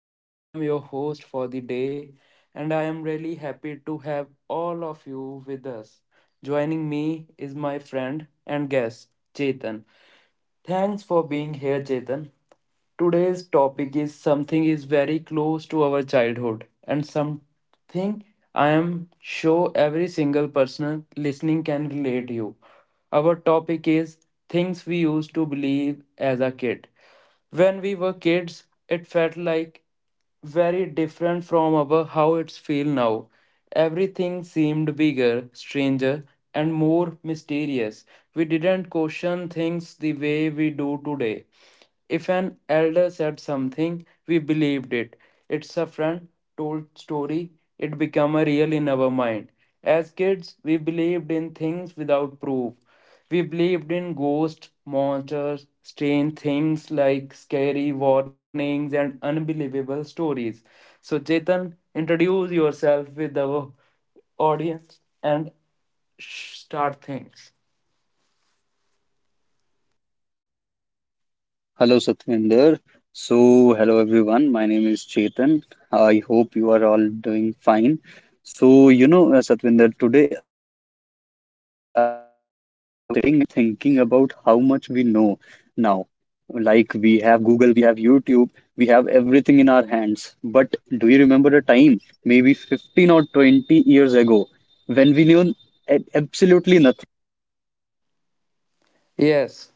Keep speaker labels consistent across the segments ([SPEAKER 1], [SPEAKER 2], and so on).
[SPEAKER 1] and I am your host for the day and I am really happy to have all of you with us. Joining me is my friend and guest Chetan. Thanks for being here Chetan. Today's topic is something is very close to our childhood and something I am sure every single person listening can relate you. Our topic is things we used to believe as a kid. When we were kids, it felt like very different from our how it's feel now. Everything seemed bigger, stranger, and more mysterious. We didn't question things the way we do today. If an elder said something, we believed it. It's a friend told story, it became a real in our mind. As kids, we believed in things without proof. We believed in ghosts, monsters, strange things like scary warnings and unbelievable stories. So, Chetan, introduce yourself with our audience and start things.
[SPEAKER 2] Hello, Satvinder. So, hello everyone. My name is Chetan. I hope you are all doing fine. So, Satvinder, today I was sitting and thinking about how much we know now. Like, we have Google, we have YouTube, we have everything in our hands. But do you remember a time, maybe 15 or 20 years ago, when we knew absolutely nothing?
[SPEAKER 1] Yes,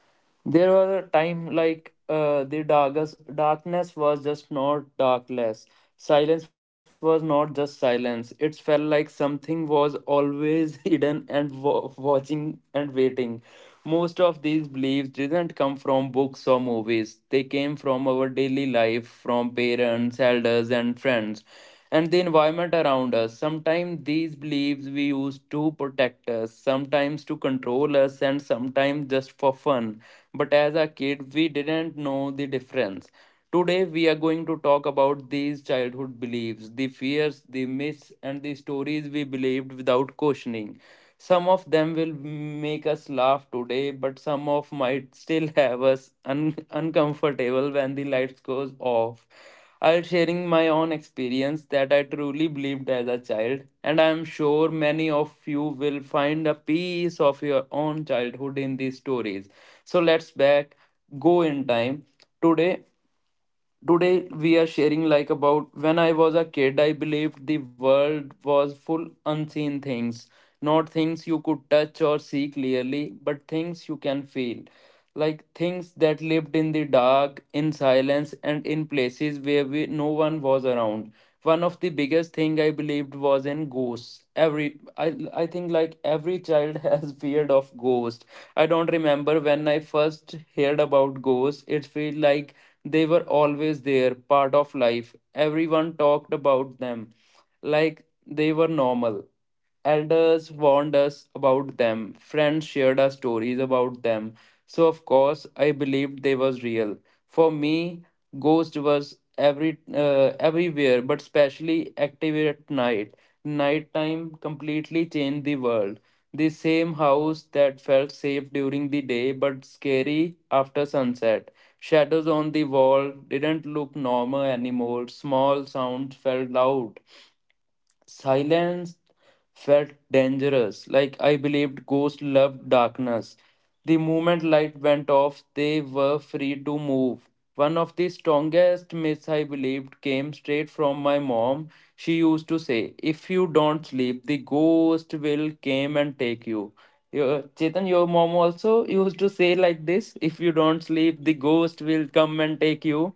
[SPEAKER 1] there was a time like the darkest darkness was just not darkness. Silence was not just silence. It felt like something was always hidden and watching and waiting. Most of these beliefs didn't come from books or movies. They came from our daily life, from parents, elders, and friends and the environment around us. Sometimes these beliefs we use to protect us, sometimes to control us, and sometimes just for fun. But as a kid, we didn't know the difference. Today, we are going to talk about these childhood beliefs, the fears, the myths, and the stories we believed without questioning. Some of them will make us laugh today, but some of might still have us uncomfortable when the lights goes off. I'll sharing my own experience that I truly believed as a child, and I'm sure many of you will find a piece of your own childhood in these stories. So let's back go in time. Today Today we are sharing like about when I was a kid, I believed the world was full unseen things, not things you could touch or see clearly, but things you can feel. Like things that lived in the dark, in silence, and in places where we, no one was around. One of the biggest thing I believed was in ghosts. Every I think like every child has feared of ghosts. I don't remember when I first heard about ghosts. It felt like they were always there, part of life. Everyone talked about them like they were normal. Elders warned us about them. Friends shared our stories about them. So, of course, I believed they was real. For me, Ghost was everywhere, but especially active at night. Nighttime completely changed the world. The same house that felt safe during the day but scary after sunset. Shadows on the wall didn't look normal anymore. Small sounds felt loud. Silence felt dangerous, like I believed ghosts loved darkness. The moment light went off, they were free to move. One of the strongest myths I believed came straight from my mom. She used to say, "If you don't sleep, the ghost will come and take you." Your, Chetan, your mom also used to say like this, "If you don't sleep, the ghost will come and take you."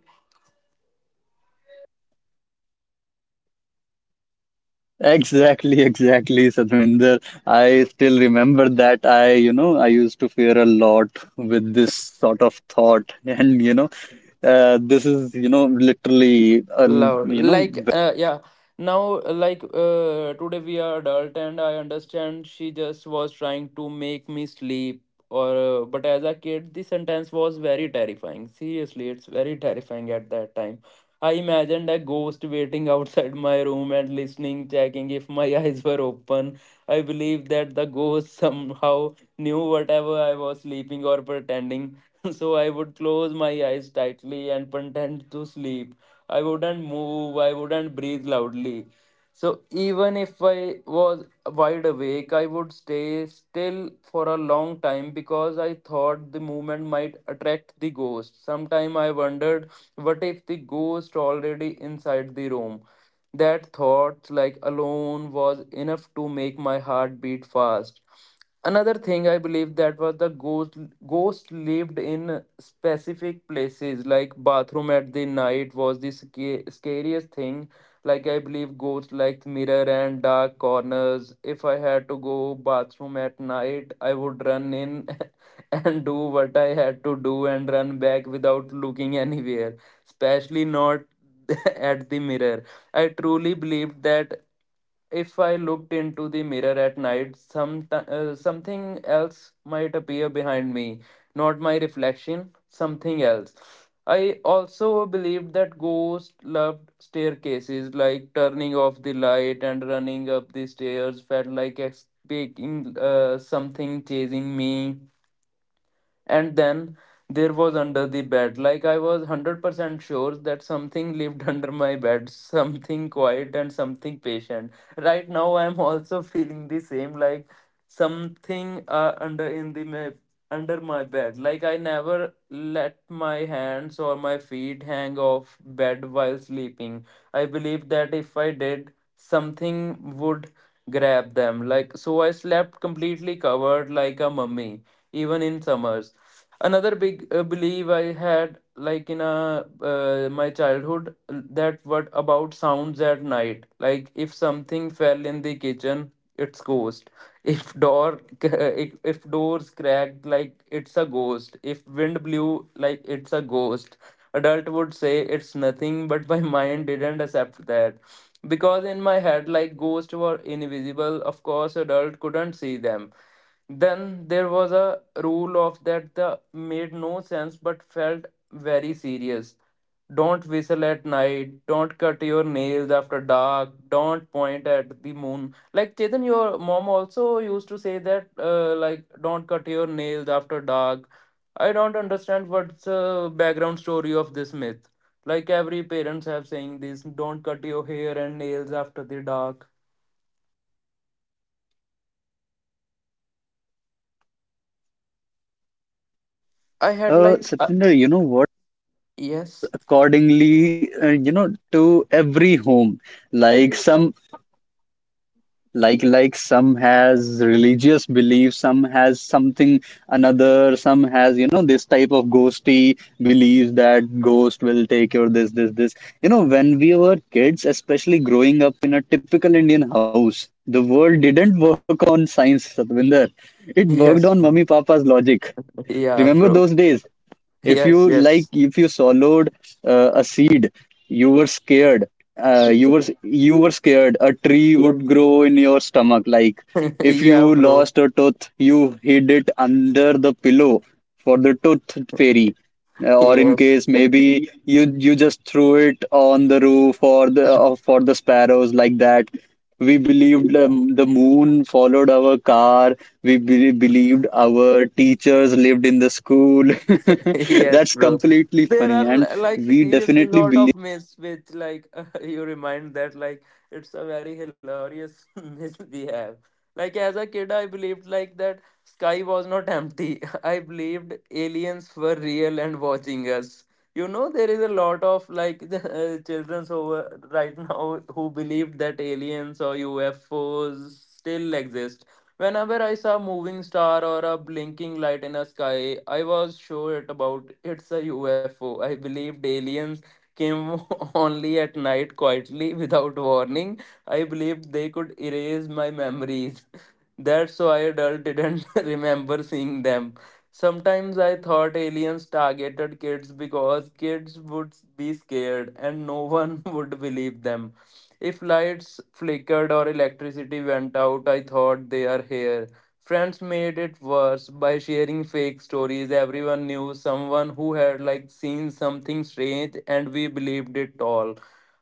[SPEAKER 2] Exactly, exactly, Sadhvinder. I still remember that I used to fear a lot with this sort of thought. And, this is, literally, a l
[SPEAKER 1] Love,
[SPEAKER 2] you know,
[SPEAKER 1] like, yeah. Now, like, today we are adult, and I understand she just was trying to make me sleep. Or, but as a kid, the sentence was very terrifying. Seriously, it's very terrifying at that time. I imagined a ghost waiting outside my room and listening, checking if my eyes were open. I believed that the ghost somehow knew whatever I was sleeping or pretending. So I would close my eyes tightly and pretend to sleep. I wouldn't move, I wouldn't breathe loudly. So even if I was wide awake, I would stay still for a long time because I thought the movement might attract the ghost. Sometime I wondered, what if the ghost already inside the room? That thought, like alone, was enough to make my heart beat fast. Another thing I believe that was the ghost lived in specific places like bathroom at the night was the scariest thing, like I believe ghosts like mirror and dark corners. If I had to go bathroom at night, I would run in and do what I had to do and run back without looking anywhere, especially not at the mirror. I truly believed that if I looked into the mirror at night, something else might appear behind me, not my reflection, something else. I also believed that ghosts loved staircases, like turning off the light and running up the stairs felt like escaping something chasing me. And then there was under the bed, like I was 100% sure that something lived under my bed, something quiet and something patient. Right now, I'm also feeling the same, like something under in the my, under my bed. Like I never let my hands or my feet hang off bed while sleeping. I believe that if I did, something would grab them. Like so, I slept completely covered like a mummy even in summers. Another big belief I had like in a my childhood, that what about sounds at night? Like if something fell in the kitchen, it's ghost. If door if doors cracked, like it's a ghost. If wind blew, like it's a ghost. Adult would say it's nothing, but my mind didn't accept that, because in my head like ghosts were invisible, of course adult couldn't see them. Then there was a rule of that the made no sense but felt very serious. Don't whistle at night, don't cut your nails after dark, don't point at the moon. Like Chetan, your mom also used to say that like don't cut your nails after dark. I don't understand what's the background story of this myth. Like every parents have saying this, don't cut your hair and nails after the dark. I had like
[SPEAKER 2] Satvinder, you know what?
[SPEAKER 1] yes.
[SPEAKER 2] Accordingly, to every home, like some like some has religious beliefs, some has something, another some has, you know, this type of ghosty beliefs that ghost will take your this. You know, when we were kids, especially growing up in a typical Indian house, the world didn't work on science, Satvinder. It worked on
[SPEAKER 1] Yes.
[SPEAKER 2] mummy papa's logic.
[SPEAKER 1] Yeah,
[SPEAKER 2] Remember
[SPEAKER 1] bro.
[SPEAKER 2] those days? If
[SPEAKER 1] Yes,
[SPEAKER 2] you like,
[SPEAKER 1] yes.
[SPEAKER 2] if you swallowed a seed, you were scared. You were scared. A tree would grow in your stomach. Like if
[SPEAKER 1] Yeah,
[SPEAKER 2] you
[SPEAKER 1] bro.
[SPEAKER 2] lost a tooth, you hid it under the pillow for the tooth fairy. Or in
[SPEAKER 1] Yes.
[SPEAKER 2] case, maybe you just threw it on the roof, or the for the sparrows, like that. We believed the moon followed our car. We believed our teachers lived in the school.
[SPEAKER 1] Yes,
[SPEAKER 2] That's
[SPEAKER 1] bro.
[SPEAKER 2] completely
[SPEAKER 1] There are
[SPEAKER 2] funny. And
[SPEAKER 1] like
[SPEAKER 2] we
[SPEAKER 1] seriously lot
[SPEAKER 2] definitely
[SPEAKER 1] of myths which like you remind that like it's a very hilarious myth we have. Like as a kid, I believed like that sky was not empty. I believed aliens were real and watching us. You know, there is a lot of like children's over right now who believe that aliens or UFOs still exist. Whenever I saw a moving star or a blinking light in the sky, I was sure it about it's a UFO. I believed aliens came only at night quietly without warning. I believed they could erase my memories. That's why adult didn't remember seeing them. Sometimes I thought aliens targeted kids because kids would be scared and no one would believe them. If lights flickered or electricity went out, I thought they are here. Friends made it worse by sharing fake stories. Everyone knew someone who had like seen something strange and we believed it all.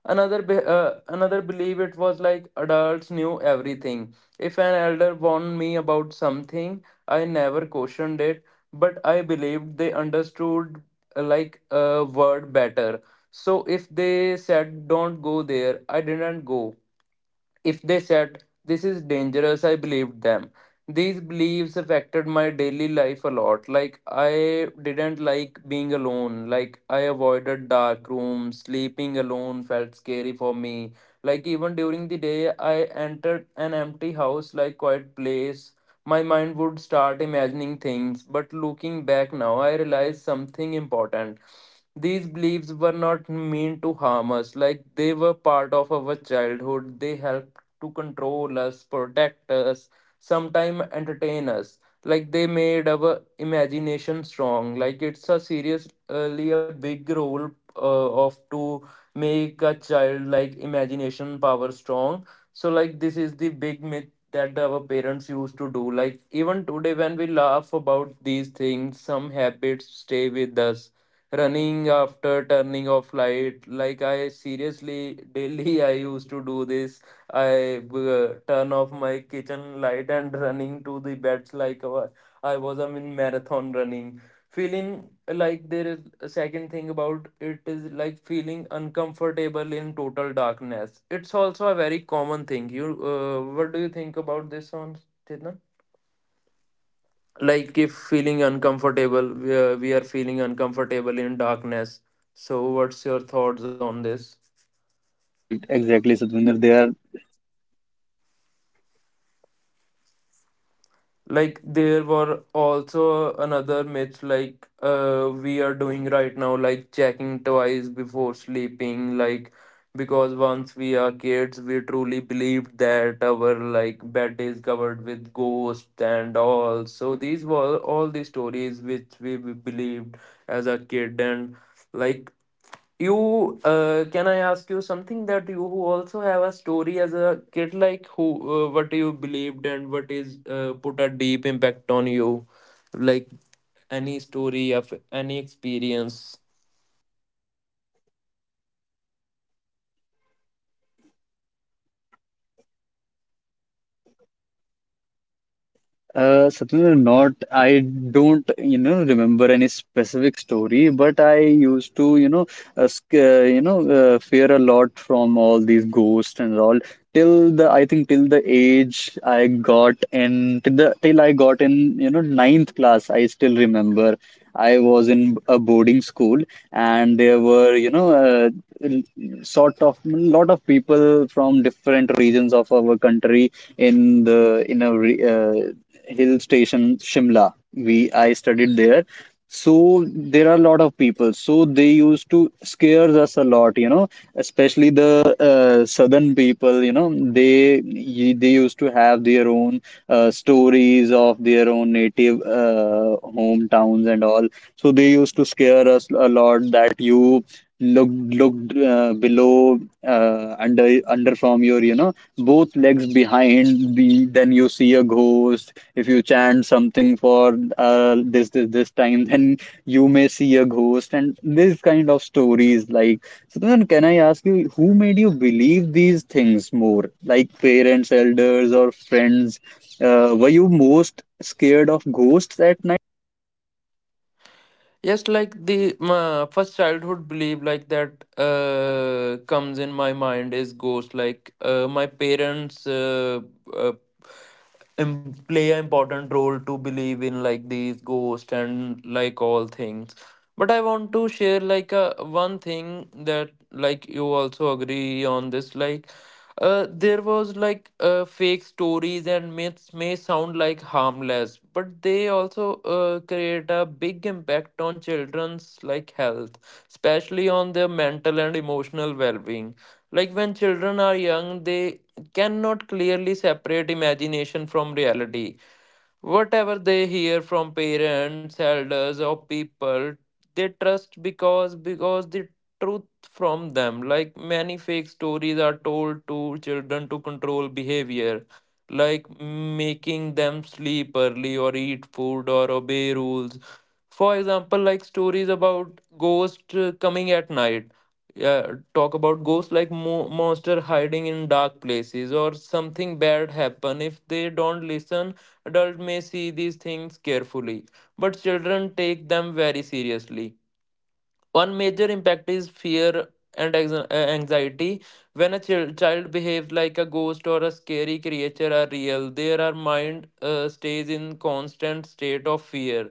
[SPEAKER 1] Another another belief it was like adults knew everything. If an elder warned me about something, I never questioned it, but I believed they understood like a word better. So if they said don't go there, I didn't go. If they said, "This is dangerous," I believed them. These beliefs affected my daily life a lot. Like, I didn't like being alone. Like, I avoided dark rooms. Sleeping alone felt scary for me. Like, even during the day, I entered an empty house, like, quiet place. My mind would start imagining things. But looking back now, I realized something important. These beliefs were not meant to harm us, like they were part of our childhood. They helped to control us, protect us, sometimes entertain us. Like they made our imagination strong. Like it's a seriously a big role of to make a child like imagination power strong. So like this is the big myth that our parents used to do. Like even today when we laugh about these things, some habits stay with us, running after turning off light, like I seriously daily I used to do this. I turn off my kitchen light and running to the beds like I was in marathon running. Feeling like there is a second thing about it is like feeling uncomfortable in total darkness. It's also a very common thing. What do you think about this one, Chetan? Like if feeling uncomfortable, we are feeling uncomfortable in darkness. So what's your thoughts on this?
[SPEAKER 2] believe. Exactly, Satvinder. They are,
[SPEAKER 1] Like there were also another myths like we are doing right now, like checking twice before sleeping, like because once we are kids, we truly believed that our like bed is covered with ghosts and all. So these were all the stories which we believed as a kid. And like you can I ask you something, that you who also have a story as a kid, like who what you believed and what is put a deep impact on you, like any story of any experience?
[SPEAKER 2] Satvinder, not, I don't, remember any specific story, but I used to, fear a lot from all these ghosts and all. Till the, I think, till the age I got in, till the, till I got in, you know, ninth class, I still remember. I was in a boarding school, and there were, l- sort of lot of people from different regions of our country in the hill station, Shimla. We I studied there, so there are a lot of people. So they used to scare us a lot, you know, especially the southern people. You know, they used to have their own stories of their own native hometowns and all. So they used to scare us a lot that you looked looked below under under from your, you know, both legs behind, the then you see a ghost. If you chant something for this time, then you may see a ghost, and this kind of stories, like. So then, can I ask you, who made you believe these things more? Like parents, elders, or friends? Were you most scared of ghosts at night?
[SPEAKER 1] Yes, like the my first childhood belief like that comes in my mind is ghost. Like my parents uh, play an important role to believe in like these ghosts and like all things. But I want to share like a one thing that like you also agree on this, like there was like fake stories and myths may sound like harmless, but they also create a big impact on children's like health, especially on their mental and emotional well-being. Like when children are young, they cannot clearly separate imagination from reality. Whatever they hear from parents, elders, or people they trust, because the truth from them. Like many fake stories are told to children to control behavior, like making them sleep early or eat food or obey rules. For example, like stories about ghosts coming at night. Yeah, talk about ghosts like monster hiding in dark places or something bad happen if they don't listen. Adults may see these things carefully, but children take them very seriously. One major impact is fear and anxiety. When a child behaves like a ghost or a scary creature are real, their mind stays in constant state of fear.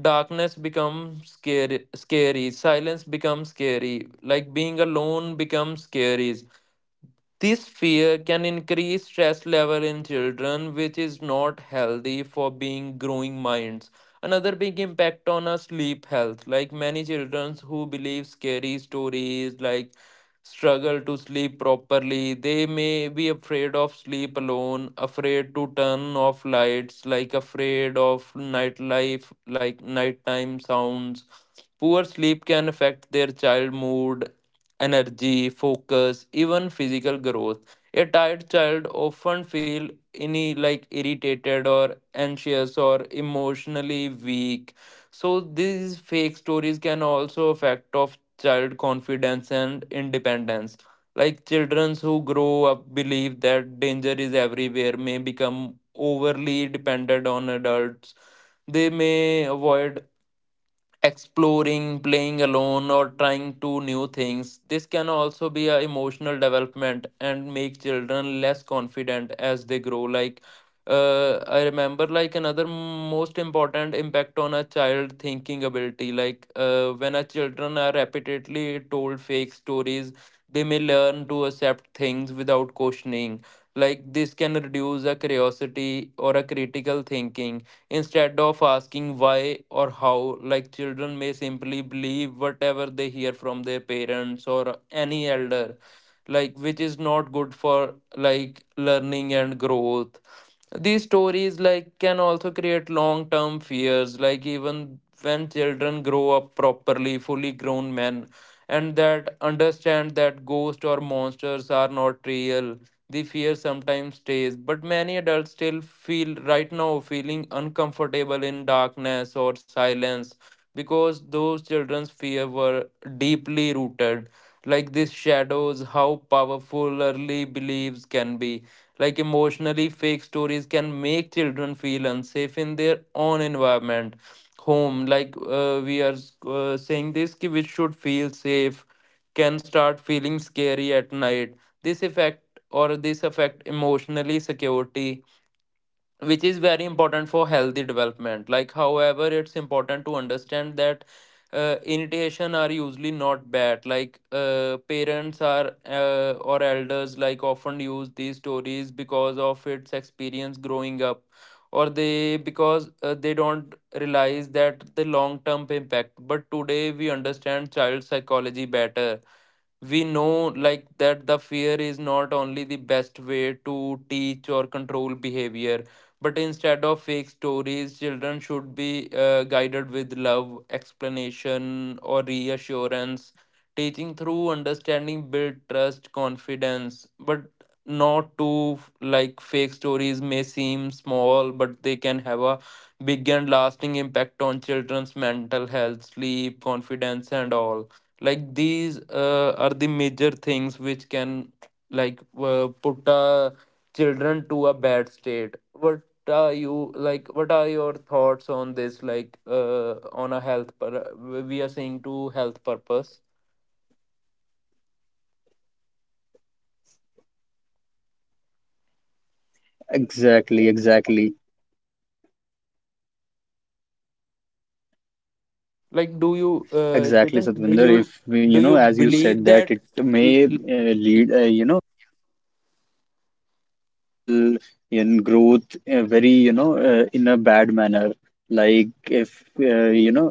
[SPEAKER 1] Darkness becomes scary. Silence becomes scary. Like being alone becomes scary. This fear can increase stress level in children, which is not healthy for being growing minds. Another big impact on our sleep health, like many children who believe scary stories, like struggle to sleep properly. They may be afraid of sleep alone, afraid to turn off lights, like afraid of nightlife, like nighttime sounds. Poor sleep can affect their child mood, energy, focus, even physical growth. A tired child often feel any like irritated or anxious or emotionally weak. So these fake stories can also affect of child confidence and independence. Like children who grow up believe that danger is everywhere may become overly dependent on adults. They may avoid exploring, playing alone, or trying to new things. This can also be a emotional development and make children less confident as they grow. Like, I remember like another most important impact on a child thinking ability. Like, when a children are repeatedly told fake stories, they may learn to accept things without questioning. Like this can reduce a curiosity or a critical thinking instead of asking why or how. Like children may simply believe whatever they hear from their parents or any elder, like which is not good for like learning and growth. These stories like can also create long term fears, like even when children grow up properly, fully grown men, and that understand that ghosts or monsters are not real. The fear sometimes stays, but many adults still feel right now feeling uncomfortable in darkness or silence because those children's fear were deeply rooted. Like this shadows how powerful early beliefs can be, like emotionally fake stories can make children feel unsafe in their own environment, home. Like we are saying this, ki which should feel safe, can start feeling scary at night. This effect or this affect emotionally security, which is very important for healthy development. Like however it's important to understand that irritation are usually not bad, like parents are or elders like often use these stories because of its experience growing up, or they because they don't realize that the long term impact. But today we understand child psychology better. We know like that the fear is not only the best way to teach or control behavior, but instead of fake stories children should be guided with love, explanation, or reassurance. Teaching through understanding build trust confidence, but not to like fake stories may seem small, but they can have a big and lasting impact on children's mental health, sleep, confidence, and all. Like these are the major things which can like put children to a bad state. What are you like what are your thoughts on this, like on a health per, we are saying to health purpose,
[SPEAKER 2] Exactly, exactly,
[SPEAKER 1] like do you
[SPEAKER 2] exactly,
[SPEAKER 1] Chetan,
[SPEAKER 2] Satvinder. If you
[SPEAKER 1] do
[SPEAKER 2] know,
[SPEAKER 1] you
[SPEAKER 2] as you said,
[SPEAKER 1] believe
[SPEAKER 2] that it
[SPEAKER 1] that l-
[SPEAKER 2] may
[SPEAKER 1] l-
[SPEAKER 2] lead, mental in growth in a bad manner. Like if you know,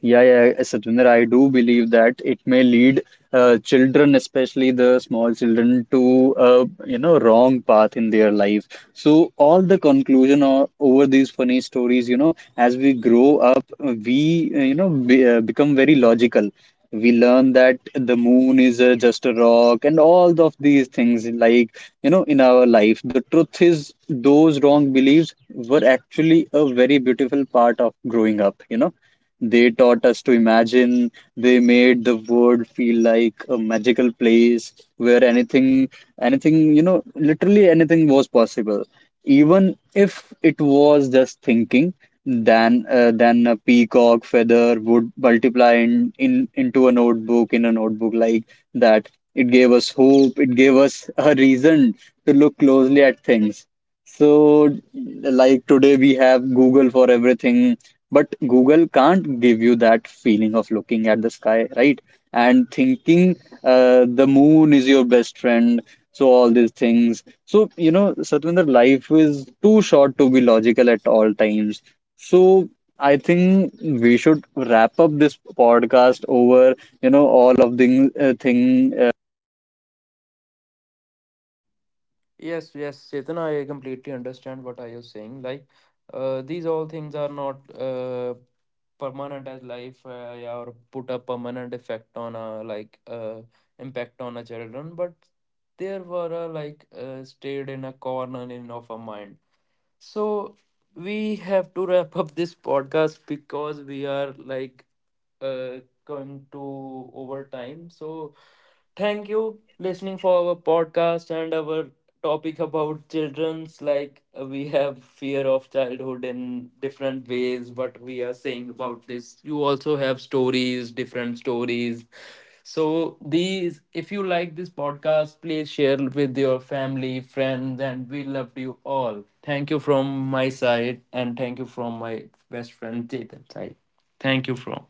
[SPEAKER 2] Yeah, yeah, Satvinder, I do believe that it may lead children, especially the small children, to, you know, wrong path in their life. So all the conclusion over these funny stories, you know, as we grow up, we become very logical. We learn that the moon is just a rock, and all of these things, like, you know, in our life. The truth is, those wrong beliefs were actually a very beautiful part of growing up. You know. They taught us to imagine. They made the world feel like a magical place where anything, anything, you know, literally anything was possible. Even if it was just thinking, then a peacock feather would multiply in into a notebook, like that. It gave us hope. It gave us a reason to look closely at things. So, like today, we have Google for everything, but Google can't give you that feeling of looking at the sky, right, and thinking, the moon is your best friend. So all these things. So, you know, Satvinder, life is too short to be logical at all times. So I think we should wrap up this podcast over, you know, all of the thing.
[SPEAKER 1] yes, yes, Chetan, I completely understand what are you saying, like these all things are not permanent as life yeah, or put a permanent effect on a like impact on a children, but there were like stayed in a corner in of our mind. So we have to wrap up this podcast because we are like uh, going to overtime. So thank you listening for our podcast and our topic about children's, like we have fear of childhood in different ways. What we are saying about this, you also have stories, different stories. So these, if you like this podcast please share with your family, friends, and we love you all. Thank you from my side and thank you from my best friend Chetan side. Thank you from